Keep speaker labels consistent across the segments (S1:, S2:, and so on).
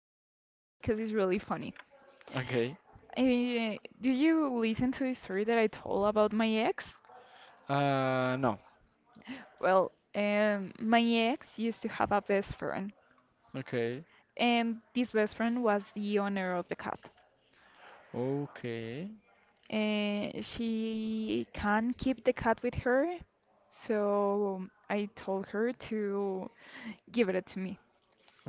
S1: my cat because it's really funny.
S2: Okay.
S1: Do you listen to the story that I told about my ex?
S2: No.
S1: Well, my ex used to have a best friend,
S2: Okay.
S1: and this best friend was the owner of the cat.
S2: Okay.
S1: And she can't keep the cat with her, so I told her to give it to me,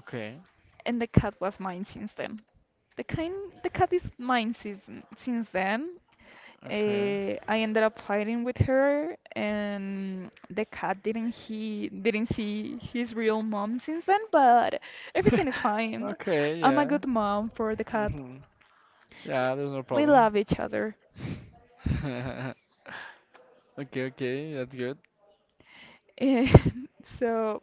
S2: Okay.
S1: and the cat was mine since then. The kind, the cat is mine since then.
S2: Okay.
S1: I ended up fighting with her, and the cat didn't he didn't see his real mom since then. But everything is fine.
S2: Okay,
S1: I'm a
S2: yeah.
S1: good mom for the cat.
S2: hmm Yeah, there's no
S1: We
S2: problem.
S1: love each other.
S2: Okay, okay, that's good.
S1: And so,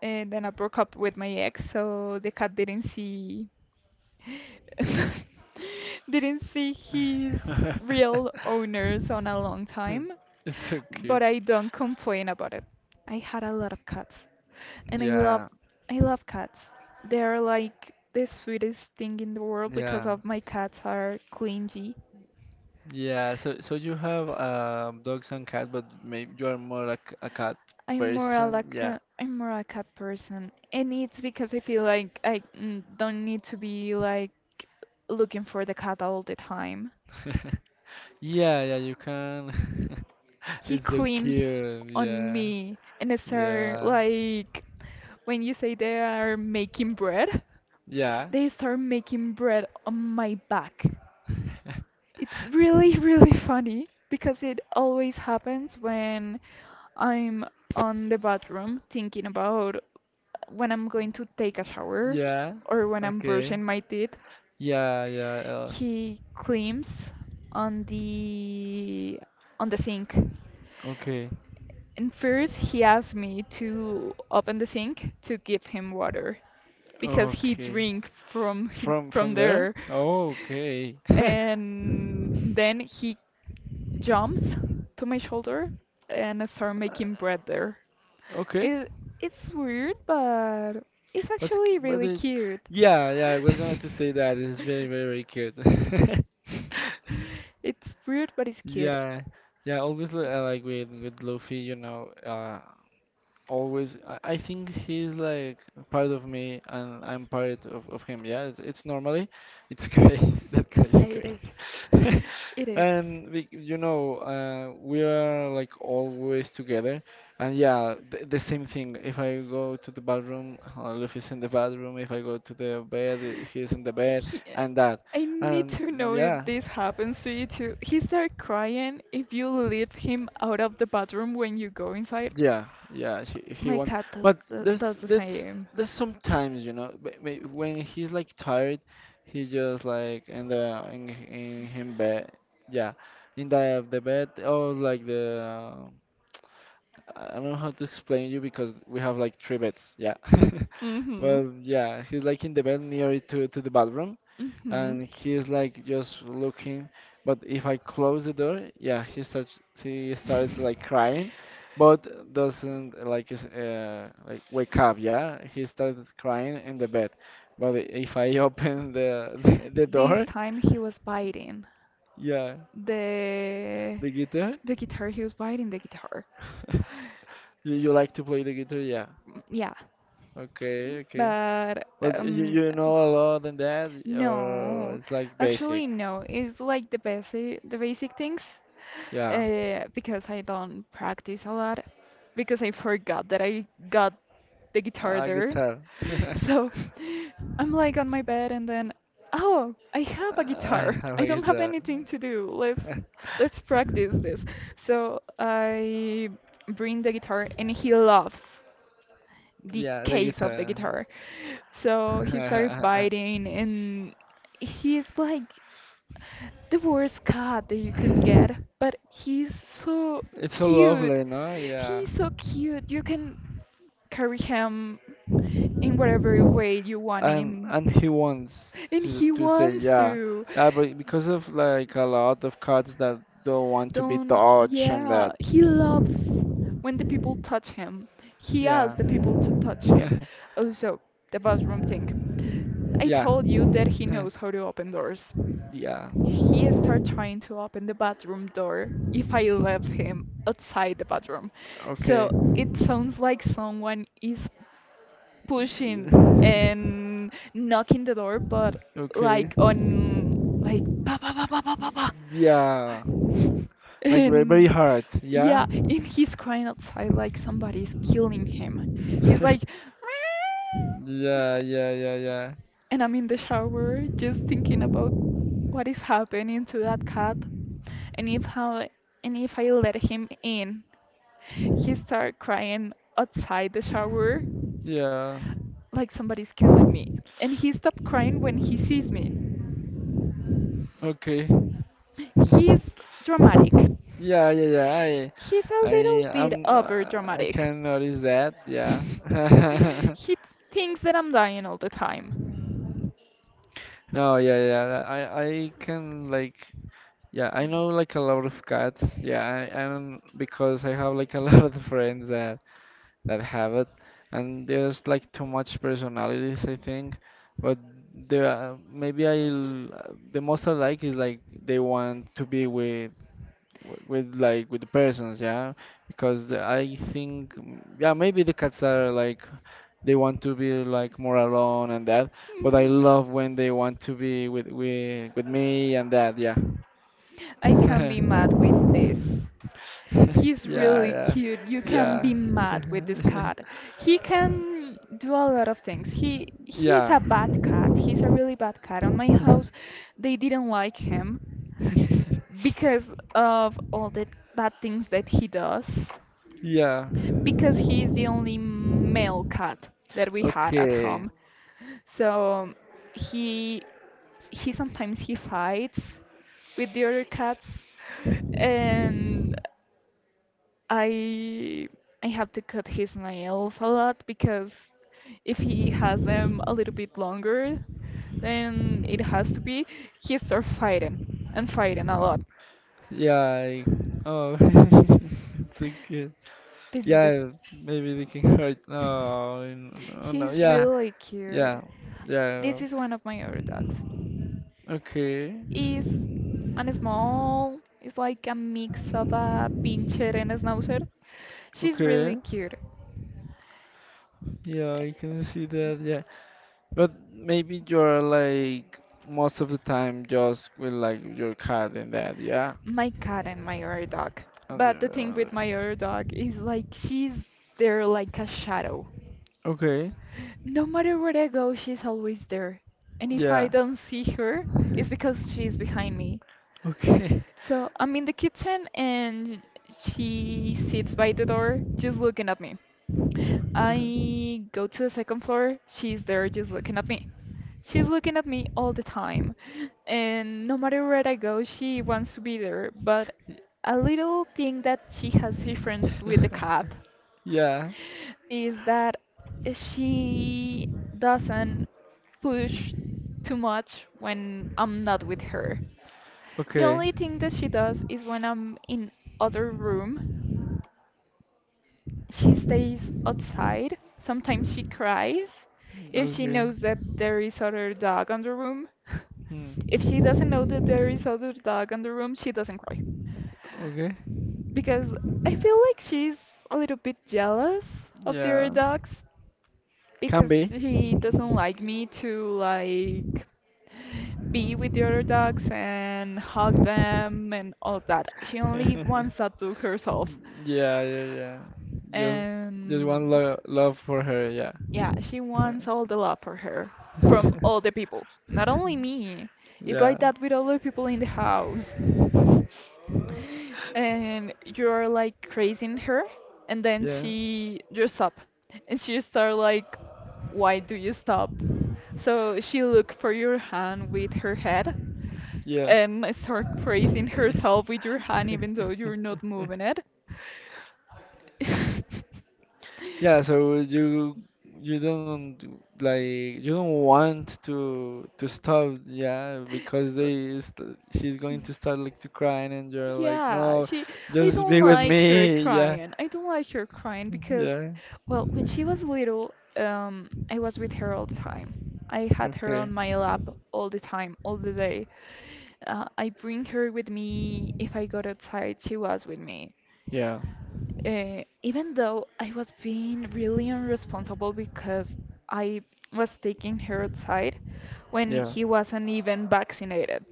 S1: and then I broke up with my ex, so the cat didn't see didn't see his real owners on a long time.
S2: It's so
S1: But
S2: cute.
S1: I don't complain about it. I had a lot of cats. And I love
S2: Yeah,
S1: I love cats. They are like the sweetest thing in the world because
S2: yeah,
S1: of my cats are clingy.
S2: yeah. So you have dogs and cats, but maybe you are more like a cat
S1: I'm more a
S2: person.
S1: like
S2: Yeah.
S1: a, I'm more a cat person, and it's because I feel like I don't need to be like looking for the cat all the time.
S2: Yeah, yeah, you can.
S1: He
S2: It's so
S1: climbs
S2: cute.
S1: on
S2: Yeah,
S1: me and start
S2: yeah,
S1: like when you say they are making bread,
S2: yeah.
S1: they start making bread on my back. It's really, really funny because it always happens when I'm on the bathroom thinking about when I'm going to take a shower
S2: Yeah.
S1: or when I'm
S2: Okay.
S1: brushing my teeth.
S2: Yeah. Yeah.
S1: He climbs on the on the sink.
S2: Okay.
S1: And first he asked me to open the sink to give him water because he
S2: Okay.
S1: drink from hi-
S2: From
S1: from
S2: from there.
S1: there.
S2: Oh, okay.
S1: And then he jumps to my shoulder and start making bread there.
S2: Okay.
S1: It it's weird, but it's actually
S2: What
S1: really
S2: it?
S1: cute.
S2: Yeah. Yeah. I was going to say that it's very very cute.
S1: It's weird, but it's cute.
S2: Yeah. Yeah. I like with Luffy. You know. Always I think he's like part of me and I'm part of him. Yeah, it's normally it's crazy. That guy
S1: Yeah,
S2: is
S1: it is.
S2: crazy.
S1: It is.
S2: And we, you know, we are like always together. And yeah, the same thing. If I go to the bathroom, Luffy's in the bathroom. If I go to the bed, he's in the bed,
S1: He,
S2: and that.
S1: I need
S2: And
S1: to know if
S2: yeah.
S1: this happens to you too. He started crying if you leave him out of the bathroom when you go inside.
S2: Yeah, yeah, he
S1: My
S2: wants,
S1: cat does
S2: but
S1: the,
S2: there's
S1: does the
S2: there's
S1: same.
S2: there's sometimes you know when he's like tired, he just like in the in him bed, yeah, in the bed or like the I don't know how to explain you because we have like three beds, yeah,
S1: Mm-hmm.
S2: well yeah, he's like in the bed near to the bathroom
S1: Mm-hmm.
S2: and he's like just looking. But if I close the door, yeah, he started like crying, but doesn't like like wake up. Yeah, he started crying in the bed. But if I open the the
S1: This
S2: door,
S1: time he was biting
S2: yeah,
S1: the
S2: the guitar.
S1: the guitar. He was biting the guitar.
S2: You like to play the guitar? Yeah.
S1: Yeah,
S2: Okay, okay.
S1: but
S2: But you
S1: um.
S2: you know a lot than that, or
S1: No,
S2: it's like basic.
S1: actually no. It's like the basic things,
S2: Yeah,
S1: because I don't practice a lot because I forgot that I got the guitar
S2: a
S1: there.
S2: guitar.
S1: So I'm like on my bed and then oh, I have a
S2: I
S1: guitar.
S2: have
S1: I
S2: a
S1: don't have
S2: guitar.
S1: anything to do. Let's let's practice this. So I bring the guitar and he laughs the
S2: Yeah, the
S1: case of the
S2: guitar.
S1: guitar. So he started biting, and he's like the worst cat that you could get, but he's so
S2: It's so
S1: cute.
S2: lovely, no? Yeah.
S1: He's so cute. You can carry him in whatever way you want him.
S2: And he wants
S1: And he
S2: to say
S1: wants
S2: yeah.
S1: to.
S2: Yeah, but because of like a lot of cats that don't want to be
S1: Don't,
S2: touched and
S1: yeah,
S2: that.
S1: he loves when the people touch him. He
S2: Yeah.
S1: asks the people to touch him. Also, the bathroom thing. I
S2: Yeah.
S1: told you that he knows how to open doors.
S2: Yeah.
S1: He started trying to open the bathroom door if I left him outside the bathroom.
S2: Okay.
S1: So it sounds like someone is pushing and knocking the door, but
S2: Okay.
S1: like on like pa pa pa pa pa pa pa.
S2: Yeah. Like very very
S1: And
S2: hard,
S1: yeah,
S2: yeah?
S1: and he's crying outside like somebody's killing him. He's like, "Meow,"
S2: Yeah, yeah, yeah, yeah.
S1: and I'm in the shower just thinking about what is happening to that cat and if how and if I let him in, he started crying outside the shower
S2: Yeah.
S1: like somebody's killing me. And he stopped crying when he sees me.
S2: Okay.
S1: He's dramatic.
S2: Yeah, yeah, yeah.
S1: He's a
S2: I,
S1: little bit
S2: I'm,
S1: over
S2: I
S1: dramatic.
S2: can notice that. Yeah.
S1: He thinks that I'm dying all the time.
S2: No, yeah, yeah. I can like, yeah. I know like a lot of cats. Yeah, I don't because I have like a lot of friends that that have it, and there's like too much personalities, I think. But there, the most I like is like they want to be with with like with the persons, yeah, because I think yeah maybe the cats are like they want to be like more alone and that but I love when they want to be with with me and that, yeah.
S1: I can be mad with this. He's
S2: Yeah,
S1: really
S2: yeah,
S1: cute. You can
S2: yeah.
S1: be mad with this cat. He can do a lot of things. He's
S2: Yeah.
S1: a bad cat. He's a really bad cat. On my house, they didn't like him because of all the bad things that he does.
S2: Yeah,
S1: Because he is the only male cat that we had at
S2: okay,
S1: home. So he he sometimes he fights with the other cats, and I I have to cut his nails a lot because if he has them a little bit longer than it has to be, he starts fighting and fighting a lot.
S2: yeah. Oh, it's okay.
S1: This is the
S2: Yeah, maybe they can hurt. No, no, oh, no.
S1: he's
S2: Yeah,
S1: really cute.
S2: yeah, yeah.
S1: This is one of my other dogs.
S2: Okay,
S1: Is and small is like a mix of a pincher and a schnauzer. She's
S2: okay.
S1: really cute.
S2: Yeah, I can see that. Yeah, but maybe you're like most of the time just with like your cat and that. Yeah.
S1: My cat and my other dog.
S2: And
S1: But the thing with my
S2: your-
S1: other dog is like she's there like a shadow.
S2: Okay.
S1: No matter where I go, she's always there. And if I
S2: Yeah.
S1: don't see her, it's because she's behind me.
S2: Okay.
S1: So I'm in the kitchen and she sits by the door just looking at me. I go to the second floor, she's there just looking at me. She's looking at me all the time. And no matter where I go, she wants to be there. But a little thing that she has difference with the cat
S2: Yeah.
S1: is that she doesn't push too much when I'm not with her. The
S2: Okay.
S1: only thing that she does is when I'm in other room, she stays outside. Sometimes she cries if she
S2: Okay.
S1: knows that there is other dog on the room.
S2: Hmm.
S1: If she doesn't know that there is other dog on the room, she doesn't cry.
S2: Okay.
S1: Because I feel like she's a little bit jealous of the other
S2: Yeah.
S1: dogs
S2: Can
S1: because
S2: be.
S1: she doesn't like me to like be with the other dogs and hug them and all that. She only wants that to herself.
S2: Yeah, yeah, yeah. Just just one
S1: And
S2: lo love for her, yeah.
S1: yeah, she wants all the love for her from all the people, not only me. It's
S2: Yeah,
S1: like that with all the people in the house, and you're like praising her, and then
S2: yeah,
S1: she just stop, and she start like, why do you stop? So she look for your hand with her head,
S2: yeah.
S1: and start praising herself with your hand even though you're not moving it.
S2: Yeah, so you don't like you don't want to stop, yeah, because they st she's going to start like to crying and you're like,
S1: Yeah,
S2: "No,
S1: she. I
S2: just
S1: don't
S2: be with
S1: like her
S2: me." Yeah.
S1: crying. I don't like her crying because,
S2: Yeah.
S1: well, when she was little, I was with her all the time. I had her
S2: Okay.
S1: on my lap all the time, all the day. I bring her with me. If I got outside, she was with me,
S2: Yeah.
S1: even though I was being really irresponsible because I was taking her outside when
S2: Yeah.
S1: he wasn't even vaccinated.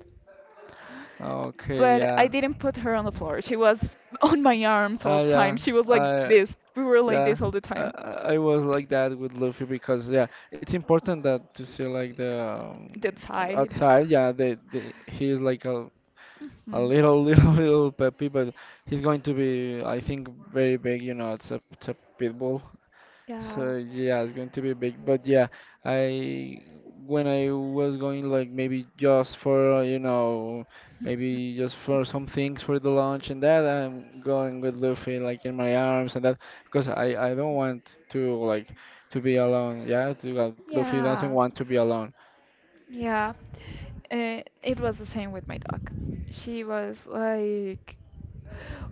S2: Okay,
S1: But
S2: yeah.
S1: I didn't put her on the floor. She was on my arms all
S2: Ah,
S1: the
S2: yeah.
S1: time. She was like
S2: I
S1: this. We were like
S2: Yeah,
S1: this all the time.
S2: I was like that with Luffy because yeah, it's important that to see like the
S1: That side.
S2: outside. Yeah, the he is like a
S1: Hmm.
S2: little little little puppy, but he's going to be I think very big. You know, it's a pit bull.
S1: Yeah.
S2: So yeah, it's going to be big. But yeah, I when I was going like maybe just for you know maybe just for some things for the launch and that I'm going with Luffy like in my arms and that because I don't want to like to be alone. Yeah, to, Luffy doesn't
S1: Yeah,
S2: want to be alone.
S1: yeah. It was the same with my dog. She was like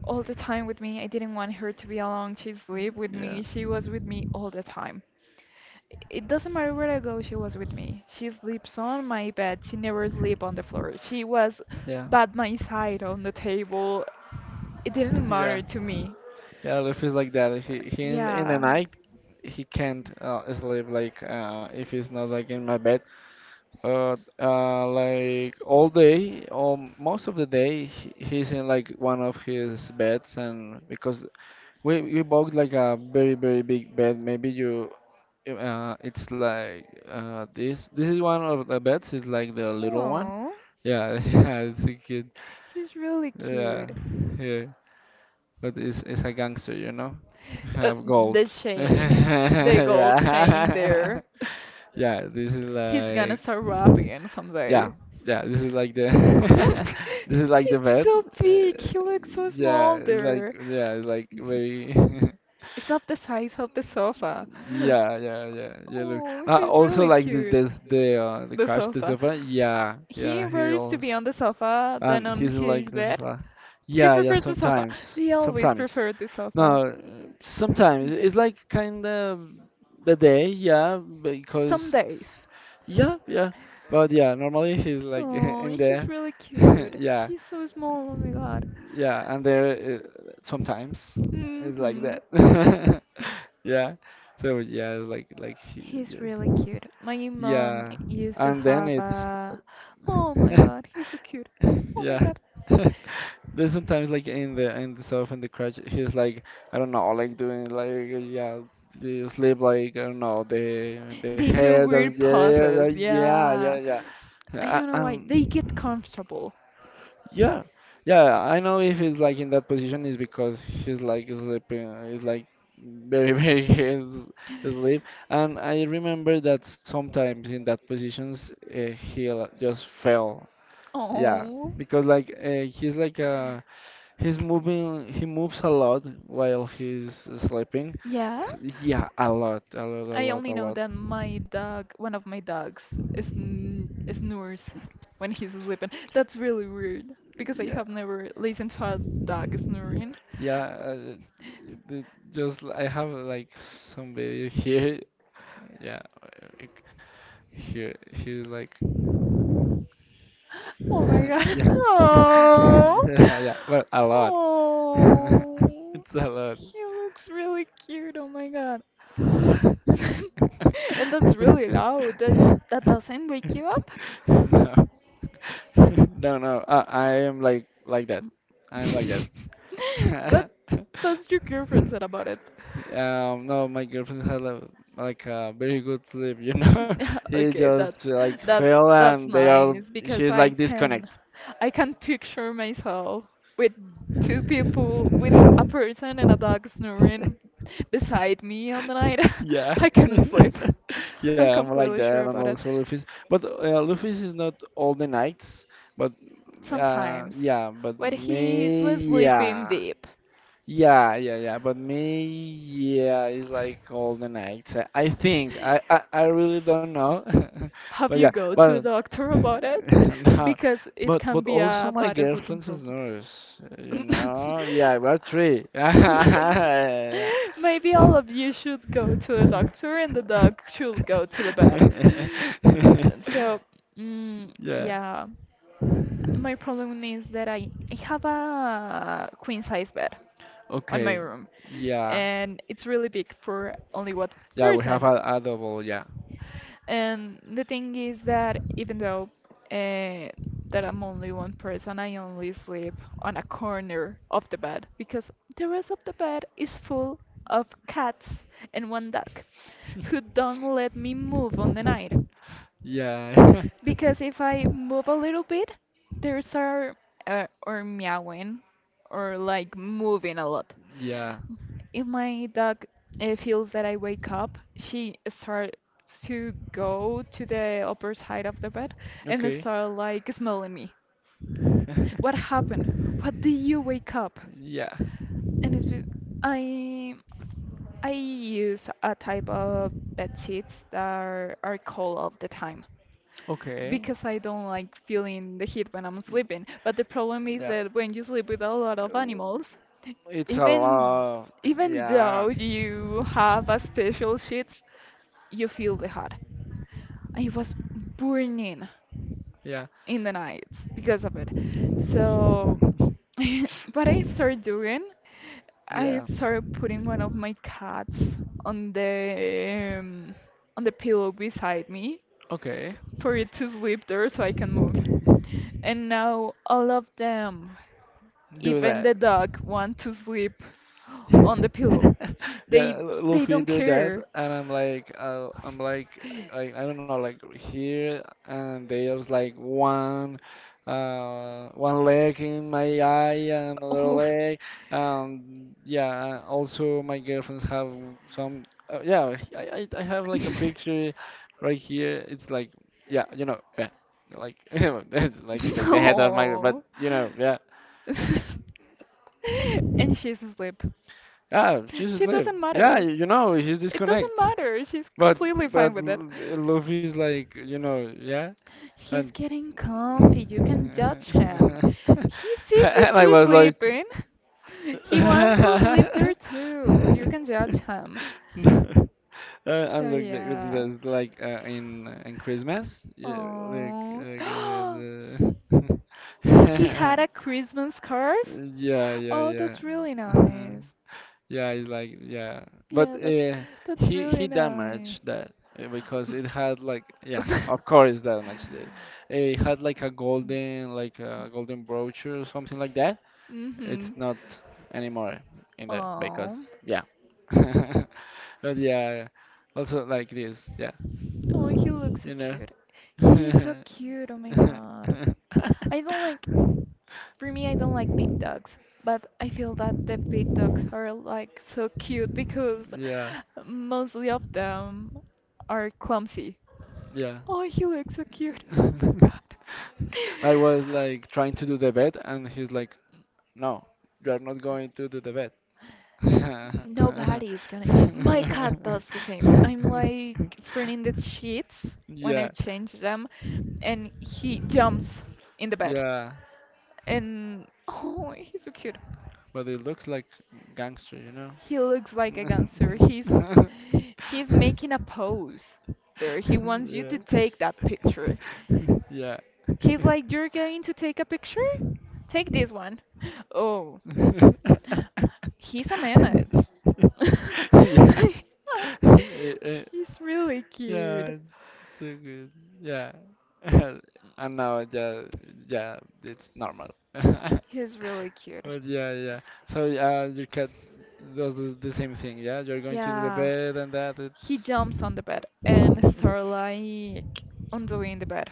S1: all the time with me. I didn't want her to be alone. She slept with
S2: Yeah,
S1: me. She was with me all the time. It doesn't matter where I go, she was with me. She sleeps on my bed. She never sleep on the floor. She was
S2: yeah,
S1: by my side on the table. It didn't
S2: yeah,
S1: matter to me.
S2: yeah. Luffy's like that. He in the
S1: Yeah.
S2: night he can't sleep like if he's not like in my bed. Like all day, or most of the day, he's in like one of his beds, and because we bought like a very very big bed, maybe you, it's like this this is one of the beds, it's like the little one,
S1: Oh,
S2: yeah, yeah, it's a kid,
S1: he's really
S2: yeah,
S1: cute.
S2: yeah, but it's a gangster, you know,
S1: Uh,
S2: have gold,
S1: the chain, the
S2: yeah,
S1: gold chain there.
S2: yeah, this is
S1: He's like gonna
S2: like.
S1: start rapping
S2: Yeah,
S1: someday.
S2: yeah. This is like the this is like the
S1: It's
S2: bed.
S1: so big.
S2: Uh,
S1: He looks so small there.
S2: yeah, it's like very
S1: It's up the size of the sofa. is
S2: yeah, yeah, yeah, yeah. Look,
S1: Oh, he's
S2: also
S1: really
S2: like
S1: cute. The
S2: the
S1: like
S2: crash the
S1: sofa.
S2: sofa. Yeah,
S1: He
S2: yeah. He
S1: prefers to
S2: also
S1: be on the sofa, than
S2: and
S1: on
S2: he's
S1: his
S2: like the
S1: bed.
S2: sofa.
S1: He
S2: Yeah, yeah.
S1: prefers the sofa.
S2: Sometimes,
S1: They always
S2: sometimes.
S1: prefer the
S2: No,
S1: sofa.
S2: uh, sometimes it's like kind of the day. Yeah,
S1: Some
S2: because
S1: days.
S2: yeah, yeah. But yeah, normally he's like
S1: Oh,
S2: in
S1: he's
S2: there.
S1: really cute.
S2: Yeah,
S1: He's so small. Oh my god.
S2: yeah, and there sometimes it's like
S1: Mhm.
S2: that. Yeah. So yeah, it's like he
S1: He's
S2: just
S1: really cute. My mom
S2: yeah,
S1: used to
S2: and then
S1: have
S2: it's
S1: a. Oh my god, he's so cute. Oh my
S2: yeah.
S1: god.
S2: There's sometimes like in the surf in the crutch, he's like I don't know, like doing like yeah, the sleep like I don't know the
S1: They do
S2: head
S1: weird
S2: that's yeah yeah
S1: poses.
S2: yeah yeah
S1: Yeah.
S2: yeah, yeah.
S1: I don't
S2: Uh,
S1: know why. They get
S2: um,
S1: comfortable.
S2: Yeah, yeah. I know if he's like in that position is because he's like sleeping. He's like very, very asleep. And I remember that sometimes in that positions he'll just fail. Yeah,
S1: Oh.
S2: because like he's like he's moving. He moves a lot while he's sleeping.
S1: Yeah.
S2: S yeah, a lot, a lot, a
S1: I
S2: lot,
S1: only
S2: a
S1: know
S2: lot.
S1: that my dog, one of my dogs, is n snores when he's sleeping. That's really weird because I
S2: Yeah,
S1: have never listened to a dog snoring.
S2: yeah. The- just I have like some video here. Yeah. eh, He he's like
S1: Oh my
S2: yeah
S1: god.
S2: yeah well a lot
S1: Oh.
S2: it's
S1: Oh.
S2: a lot
S1: He looks really cute. Oh my god.
S2: no
S1: And that's really loud. That doesn't wake you up?
S2: no no I am like that I am like
S1: What
S2: that
S1: does your girlfriend said about it?
S2: No, my girlfriend had a, like a very good sleep you know she
S1: Okay,
S2: just like
S1: that's
S2: fell
S1: that's
S2: and they are
S1: nice because
S2: she's
S1: I
S2: like
S1: can
S2: disconnect.
S1: I can picture myself with two people with a person and a dog snoring beside me on the night.
S2: Yeah.
S1: I couldn't sleep. I'm
S2: Yeah, I'm like
S1: completely
S2: that,
S1: sure
S2: and
S1: about it.
S2: also Luffy's. But Luffy's is not all the knights, but
S1: Sometimes
S2: yeah, but
S1: when he's
S2: me,
S1: sleeping
S2: yeah.
S1: deep,
S2: Yeah, yeah, yeah. But me, yeah, it's like all the night. I think I really don't know, but
S1: have
S2: yeah,
S1: you go to
S2: but
S1: a doctor about it?
S2: no,
S1: Because it can
S2: but
S1: be
S2: also
S1: a
S2: my
S1: bad sleeping
S2: girlfriend is
S1: problem.
S2: nurse. You know, yeah, we're three.
S1: Maybe all of you should go to a doctor and the dog should go to the vet.
S2: Yeah.
S1: So,
S2: Yeah.
S1: yeah, my problem is that I have a queen size bed on my
S2: Okay.
S1: room
S2: Yeah.
S1: and it's really big for only one
S2: Yeah, we have
S1: person.
S2: a double. Yeah.
S1: And the thing is that even though uh, that I'm only one person, I only sleep on a corner of the bed because the rest of the bed is full of cats and one dog who don't let me move on the night.
S2: Yeah.
S1: Because if I move a little bit, there's are or meowing or like moving a lot.
S2: Yeah.
S1: If my dog feels that I wake up, she starts to go to the upper side of the bed and
S2: Okay.
S1: start like smelling me. What happened? What do you wake up?
S2: Yeah.
S1: And I I use a type of bed sheets that are cold all the time
S2: Okay.
S1: because I don't like feeling the heat when I'm sleeping. But the problem is
S2: Yeah.
S1: that when you sleep with a lot of animals,
S2: It's a
S1: even
S2: lot.
S1: even though
S2: Yeah.
S1: you have a special sheet you feel the hot. I was burning
S2: Yeah.
S1: in the nights because of it. So, what I started doing, I
S2: Yeah.
S1: started putting one of my cats on the um, on the pillow beside me
S2: Okay.
S1: for it to sleep there so I can move. And now all of them,
S2: Do
S1: even
S2: that.
S1: the dog, want to sleep on the pillow. They
S2: Yeah,
S1: they
S2: Luffy
S1: don't
S2: do that,
S1: care.
S2: and I'm like I don't know, like here, and there's like one, one leg in my eye and another
S1: Oh.
S2: leg, yeah. Also, my girlfriends have some, yeah. I have like a picture right here. It's like, yeah, you know, yeah, like it's like the head of my, but
S1: No,
S2: you know, yeah.
S1: and she's asleep.
S2: Ah, she's
S1: She
S2: asleep.
S1: doesn't
S2: Yeah,
S1: matter.
S2: you know, she's
S1: It doesn't
S2: disconnect.
S1: matter. She's
S2: But
S1: completely fine
S2: but
S1: with it.
S2: Luffy's like, you know, yeah, and
S1: He's getting comfy. You can judge him.
S2: and
S1: He sees you
S2: I
S1: two
S2: was like,
S1: sleeping. He wants to sleep there too. You can judge him.
S2: And
S1: So
S2: look, like, with
S1: yeah.
S2: this, like in Christmas, yeah,
S1: Oh.
S2: like the
S1: He had a Christmas scarf?
S2: yeah, yeah,
S1: Oh,
S2: yeah.
S1: that's really nice.
S2: Yeah, it's like yeah, but
S1: Yeah, that's that's really
S2: he
S1: nice.
S2: damaged that because it had like yeah, of course damaged it. Eh, it had like a golden brooch or something like that.
S1: Mm-hmm.
S2: It's not anymore in there
S1: Oh,
S2: because yeah, but yeah, also like this yeah,
S1: oh, he looks so
S2: you know.
S1: cute. He is so cute. Oh my God. I don't like, for me, I don't like big dogs, but I feel that the big dogs are like so cute because
S2: Yeah,
S1: mostly of them are clumsy.
S2: yeah.
S1: Oh, he looks so cute. Oh my God.
S2: I was like trying to do the bed, and he's like, "No, you are not going to do the vet."
S1: Nobody is gonna. My cat does the same. I'm like spreading the sheets when I
S2: Yeah,
S1: change them, and he jumps in the bed.
S2: yeah.
S1: And oh, he's so cute.
S2: But it looks like gangster, you know?
S1: He looks like a gangster. He's making a pose there. He wants you to
S2: Yeah.
S1: take that picture.
S2: yeah.
S1: He's like, you're going to take a picture? Take this one. Oh,
S2: Yeah.
S1: he's a menace.
S2: Eh, eh,
S1: He's really
S2: Yeah,
S1: cute.
S2: it's so good. Yeah. And now, yeah, yeah, it's normal.
S1: He's really cute.
S2: But yeah, yeah. So your cat does the same thing, yeah? You're going to the
S1: Yeah.
S2: bed and that,
S1: He
S2: it's...
S1: jumps on the bed and start like undoing the bed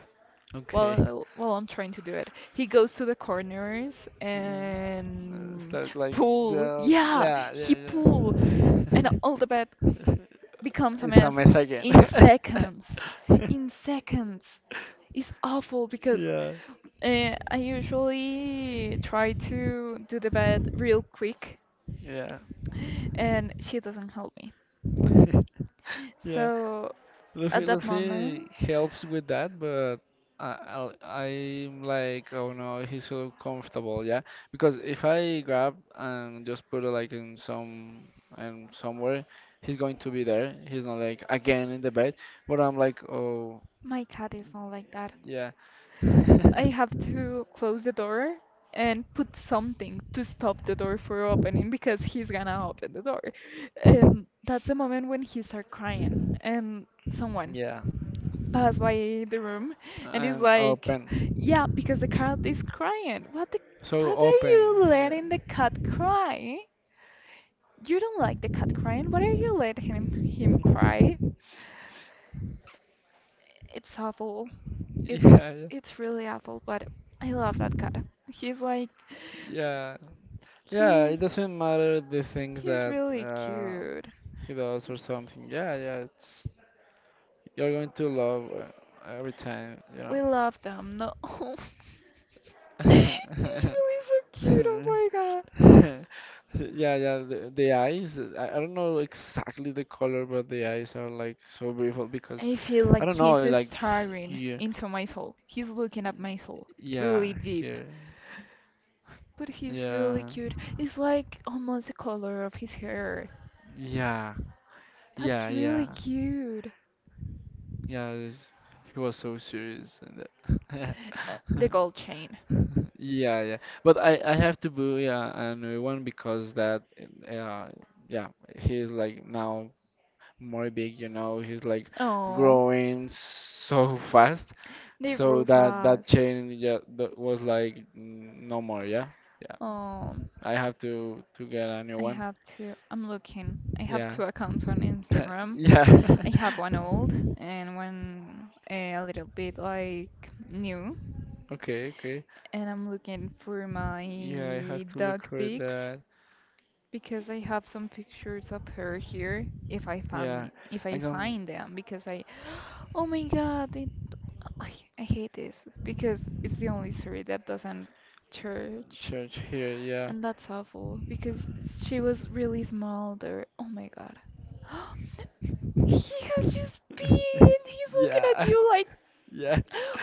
S2: Okay.
S1: while I'm trying to do it. He goes to the corners and
S2: Start like
S1: pull.
S2: the...
S1: Yeah,
S2: Yeah, yeah,
S1: he pull
S2: yeah.
S1: and all the bed becomes a
S2: It's a
S1: mess
S2: mess again.
S1: in seconds. In seconds. It's awful because
S2: Yeah,
S1: I usually try to do the bed real quick
S2: yeah.
S1: and she doesn't help me.
S2: Yeah.
S1: So at
S2: Luffy
S1: that
S2: Luffy
S1: moment,
S2: helps with that, but I'm like, oh no, he's so comfortable, yeah. Because if I grab and just put it like in some and somewhere, he's going to be there. He's not like again in the bed. But I'm like, oh
S1: my cat is not like that.
S2: yeah.
S1: I have to close the door and put something to stop the door from opening because he's gonna open the door. And that's the moment when he starts crying and someone
S2: Yeah.
S1: pass by the room and is
S2: And
S1: like,
S2: open.
S1: yeah, because the cat is crying. What the,
S2: So
S1: what are you letting the
S2: open.
S1: cat cry? You don't like the cat crying. What are you letting him cry?
S2: Yeah.
S1: It's awful.
S2: Yeah.
S1: It's
S2: Yeah.
S1: it's really awful, but I love that cat. He's like
S2: Yeah. Yeah,
S1: he's
S2: it doesn't matter the things
S1: he's
S2: that
S1: really cute.
S2: he does or something. Yeah. Yeah. It's You're going to love every time.
S1: We love them. No. He's
S2: Know.
S1: really so cute. Oh my god.
S2: Yeah, yeah, the eyes. I don't know exactly the color, but the eyes are like so beautiful because
S1: I feel
S2: I
S1: like
S2: don't
S1: he's
S2: know, like
S1: staring into my soul. He's looking at my soul
S2: yeah,
S1: really deep.
S2: here,
S1: But he's really
S2: yeah,
S1: cute. It's like almost the color of his hair.
S2: yeah,
S1: That's
S2: yeah, yeah,
S1: really cute.
S2: yeah. He was so serious and that.
S1: The gold chain.
S2: Yeah, yeah. But I have to boo, yeah, another one because that, yeah, yeah, he's like now more big, he's like
S1: Oh,
S2: growing so fast,
S1: they
S2: so
S1: grew
S2: that
S1: fast.
S2: chain, yeah, that was like no more, yeah, yeah,
S1: Oh,
S2: I have to get a new
S1: I
S2: one,
S1: have to. I'm looking. I have
S2: yeah.
S1: two accounts on Instagram.
S2: Yeah.
S1: I have one old and one a little bit like new.
S2: Okay, okay.
S1: And I'm looking for
S2: Yeah, I have
S1: my
S2: to look
S1: dog
S2: for
S1: pics
S2: that.
S1: because I have some pictures of her here if I find
S2: Yeah,
S1: it, if I
S2: I'm gonna
S1: find them because I oh my god it, I, I hate this because it's the only story that doesn't church
S2: search here. Yeah.
S1: and that's awful because she was really small there. Oh my god. He has just been he's looking at
S2: Yeah.
S1: you like
S2: Yeah.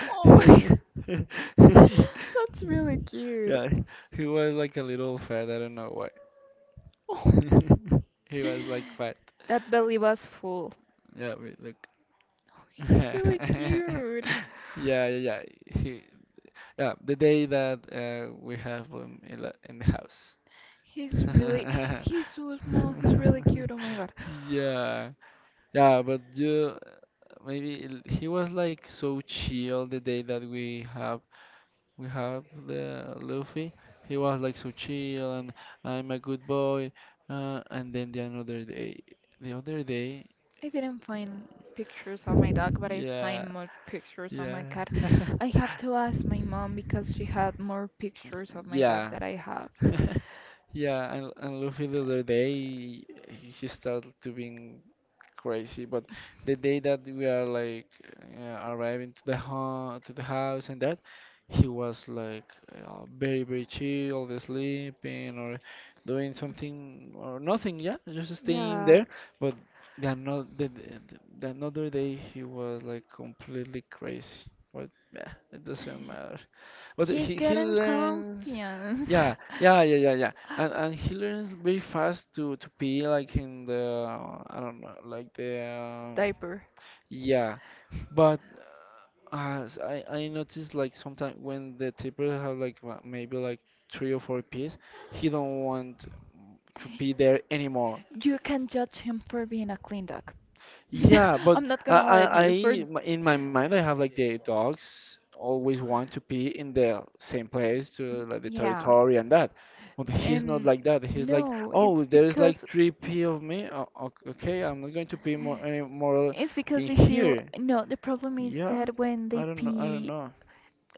S1: oh my that's really cute.
S2: Yeah, he was like a little fat. I don't know why.
S1: Oh.
S2: He was like fat.
S1: That belly was full.
S2: Yeah, wait, look.
S1: Oh, he's really cute.
S2: Yeah, yeah, yeah. He, yeah, the day that we have him in, in the
S1: He's really,
S2: house.
S1: he's so small. He's really cute. Oh my God.
S2: Yeah, yeah, but you maybe he was like so chill the day that we have the Luffy. He was like so chill and I'm a good boy. And then the another day, the other day,
S1: I didn't find pictures of my dog, but I
S2: yeah,
S1: find more pictures of my
S2: yeah,
S1: cat. I have to ask my mom because she had more pictures of my dog
S2: yeah.
S1: that I have.
S2: Yeah, and Luffy the other day he started to being crazy, but the day that we are like arriving to the home to the house and that he was like very very chill, sleeping or doing something or nothing, yeah, just staying
S1: Yeah,
S2: there. But the another day he was like completely crazy. But yeah, it doesn't matter. But
S1: he
S2: he
S1: getting
S2: learns,
S1: confidence.
S2: yeah, yeah, yeah, yeah, yeah, and he learns very fast to be like in the, I don't know, like the,
S1: Diaper.
S2: yeah. But as I noticed like sometimes when the table have like maybe like three or four-piece, he don't want to be there anymore.
S1: You can judge him for being a clean dog,
S2: Yeah, but
S1: I'm not
S2: I,
S1: gonna let
S2: I, I
S1: you for
S2: in my mind I have like the dogs always want to pee in the same place to like the
S1: yeah.
S2: territory and that. But he's not
S1: And
S2: like that. He's like,
S1: no,
S2: oh, there's like three pee of me. Oh, okay, I'm not going to pee more any more
S1: it's because
S2: in
S1: they feel
S2: here.
S1: no, the problem is
S2: Yeah,
S1: that
S2: I don't know. I don't know.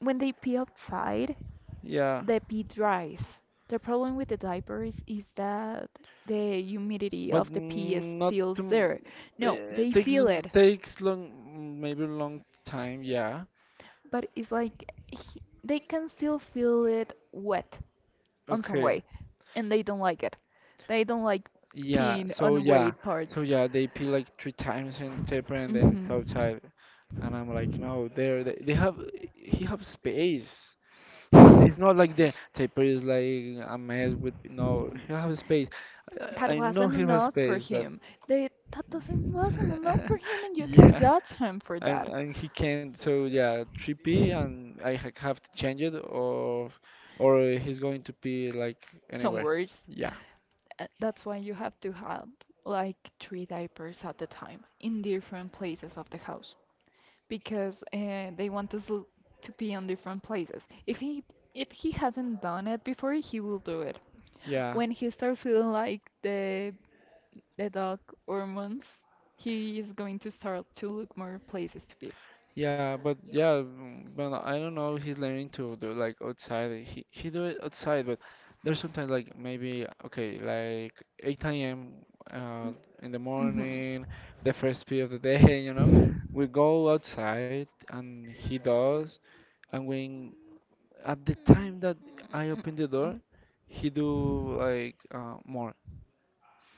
S1: when they pee outside,
S2: Yeah,
S1: the pee dries. The problem with the diapers is that the humidity
S2: but
S1: of the pee is
S2: not
S1: still
S2: to.
S1: there. No, they
S2: It takes
S1: feel it,
S2: takes long, maybe long time. Yeah.
S1: but it's like he, they can still feel it wet on some way,
S2: Okay.
S1: and they don't like it. They don't like Yeah,
S2: Yeah,
S1: peeing
S2: so
S1: on
S2: yeah,
S1: wet parts.
S2: so yeah, they pee like three times in the paper and then it's
S1: Hmm.
S2: outside. And I'm like, no, there they have he have space. You know, it's not like the paper is like a mess with, no, he have space. I,
S1: That
S2: I know
S1: wasn't
S2: he has
S1: enough for
S2: space, but
S1: him. They, that doesn't wasn't enough for him, and you can
S2: yeah,
S1: judge him for
S2: and
S1: that.
S2: and he can't. So yeah, three pee and have to change it, or he's going to pee like
S1: Some
S2: anywhere.
S1: words.
S2: Yeah,
S1: That's why you have to have like three diapers at the time in different places of the house because they want us to be on different places. If he hasn't done it before, he will do it.
S2: yeah.
S1: When he starts feeling like the dog hormones, he is going to start to look more places to be.
S2: Yeah, but yeah, but I don't know. He's learning to do like outside. He do it outside, but there's sometimes like maybe okay, like 8 a.m., uh in the
S1: Mm-hmm.
S2: morning, the first pee of the day, we go outside and he does, and when at the time that I open the door, he do like more.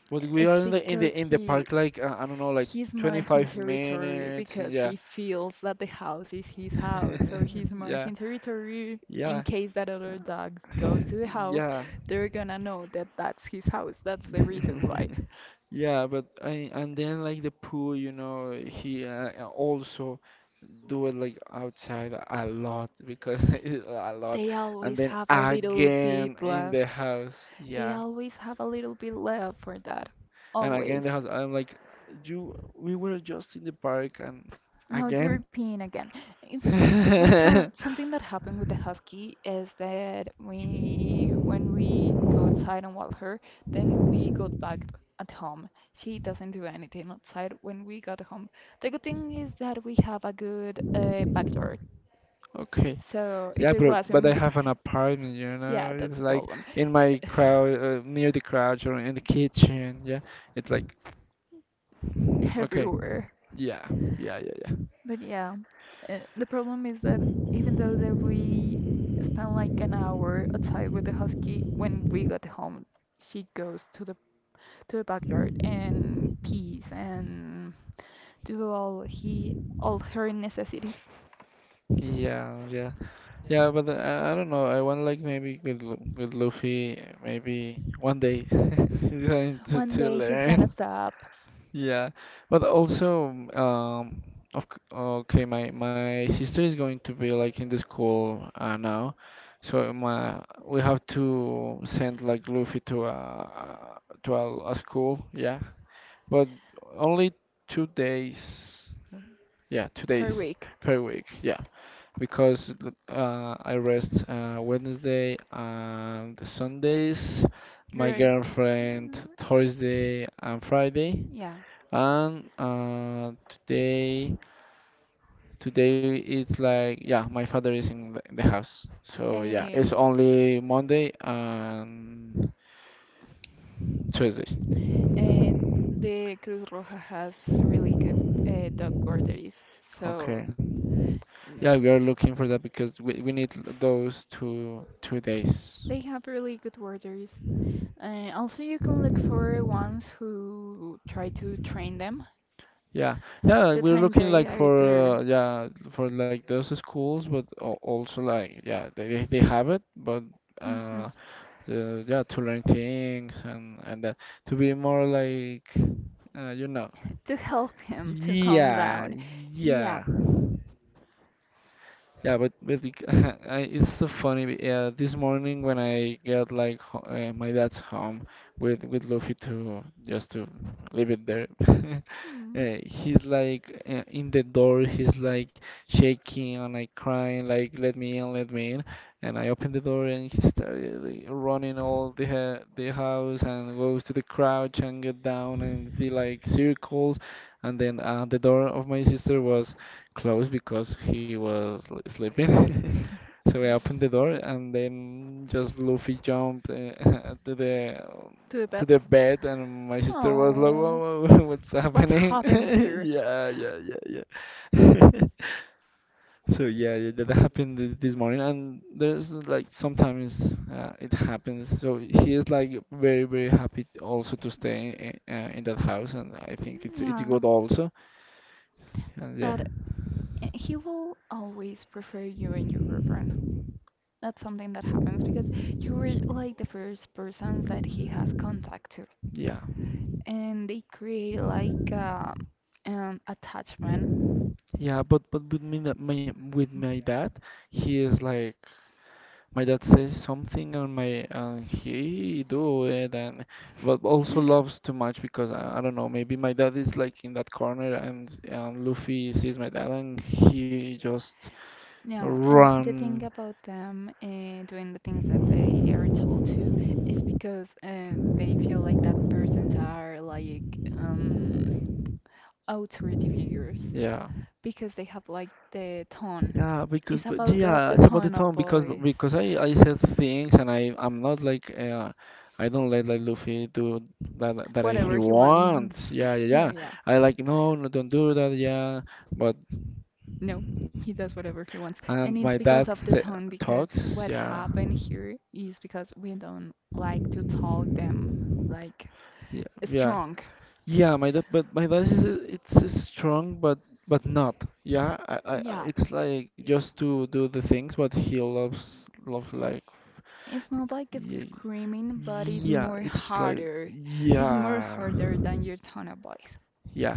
S2: But we are
S1: It's because
S2: in the park like I don't know like
S1: he's marking
S2: 25
S1: territory
S2: minutes and
S1: because
S2: yeah,
S1: he feels that the house is his house. So he's
S2: yeah.
S1: marking territory
S2: Yeah,
S1: in case that other dogs goes to the house,
S2: yeah,
S1: they're gonna know that that's his house. That's the reason why.
S2: yeah. But I, and then like the pool, you know, he, also do it like outside a lot because a lot,
S1: They
S2: and
S1: always
S2: then
S1: have a little
S2: again
S1: bit
S2: in the
S1: left.
S2: house.
S1: They
S2: Yeah,
S1: always have a little bit left for that.
S2: and again in
S1: Always.
S2: the house. I'm like, you. We were just in the park, and
S1: Now you're
S2: again.
S1: peeing again. It's but so, something that happened with the husky is that we when we go outside and walk her, then we got back at home. She doesn't do anything outside when we got home. The good thing is that we have a good backyard.
S2: Okay.
S1: So
S2: Yeah,
S1: if it
S2: but I
S1: wasn't
S2: have an apartment, you
S1: Yeah,
S2: know.
S1: that's
S2: It's
S1: a
S2: like
S1: problem.
S2: in my crowd, near the couch or in the kitchen. Yeah, it's like okay,
S1: Everywhere.
S2: yeah, yeah, yeah,
S1: But yeah, the problem is that even though that we spent like an hour outside with the husky, when we got home, she goes to the backyard and pees and do all her necessities.
S2: yeah, yeah, yeah, yeah. But I don't know. I want like maybe with Luffy, maybe one day, he's going to
S1: One
S2: to
S1: day he's gonna
S2: learn.
S1: stop
S2: Yeah, but also, um, of, okay, my sister is going to be like in the school, now, so my we have to send like Luffy to a school, yeah, but only 2 days, yeah, two
S1: per
S2: days
S1: week.
S2: per week, yeah, because I rest, Wednesday and Sundays, my
S1: You're,
S2: girlfriend Thursday and Friday,
S1: yeah,
S2: and today today it's like, yeah, my father is in the house, so yeah,
S1: Um,
S2: it's only Monday and Tuesday.
S1: and the Cruz Roja has really good dog guarderies. So
S2: Okay,
S1: mm,
S2: yeah, we are looking for that because we need those two days.
S1: they have really good guarderies. Also, you can look for ones who try to train them
S2: Yeah, yeah,
S1: the
S2: we're
S1: time
S2: looking
S1: they
S2: like
S1: are
S2: for,
S1: there.
S2: yeah, for like those schools, but also like, yeah, they have it, but
S1: Mhm.
S2: uh so yeah, to learn things and that, to be more like, you know.
S1: To help him to calm
S2: Yeah,
S1: down. Yeah.
S2: yeah. Yeah, but I, it's so funny. Yeah, this morning when I got like ho my dad's home with Luffy to just to leave it there.
S1: Hmm.
S2: He's like in the door. He's like shaking and like crying, like, let me in, let me in. And I opened the door and he started like running all the house and goes to the crouch and get down and see like circles. And then the door of my sister was closed because he was sleeping. So I opened the door and then just Luffy jumped, to the
S1: To the
S2: to
S1: bed.
S2: the bed, and my sister was like,
S1: Oh,
S2: "Whoa, whoa, what's
S1: what's
S2: happening?"
S1: happening here?
S2: Yeah, yeah, yeah, yeah. So yeah, yeah, that happened this morning, and there's like sometimes it happens. So he is like very, very happy also to stay in that house, and I think it's
S1: Yeah,
S2: good also. And yeah,
S1: but I- he will always prefer you and your girlfriend. That's something that happens because you were like the first persons that he has contact to,
S2: yeah.
S1: and they create like attachment.
S2: Yeah, but with me, that my with my dad, he is like, my dad says something and my and he do it, and but also loves too much because I don't know, maybe my dad is like in that corner and Luffy sees my dad and he just
S1: No, the thing
S2: run,
S1: about them doing the things that they are told to is because they feel like that persons are like um, authority figures
S2: yeah.
S1: because they have like the tone.
S2: Yeah, because
S1: It's
S2: but
S1: about
S2: yeah,
S1: the
S2: it's about the
S1: tone of
S2: tone because
S1: voice,
S2: I said things and I'm not like I don't let like Luffy do that he
S1: whatever he wants.
S2: wants. Yeah, yeah,
S1: No,
S2: yeah.
S1: yeah.
S2: I like, no, no, don't do that. Yeah, but
S1: No, he does whatever he wants. And
S2: and
S1: it's
S2: my
S1: because
S2: dad
S1: of the
S2: sa
S1: tone, because
S2: talks.
S1: what
S2: Yeah,
S1: happened here is because we don't like to talk them like
S2: yeah, yeah,
S1: strong.
S2: yeah. My dad is strong, but not. Yeah,
S1: Yeah,
S2: it's like just to do the things, but he loves love like.
S1: it's not like it's
S2: Yeah,
S1: screaming, but it's
S2: yeah,
S1: more
S2: it's like,
S1: harder. It's more
S2: yeah,
S1: harder than your tone of voice.
S2: yeah.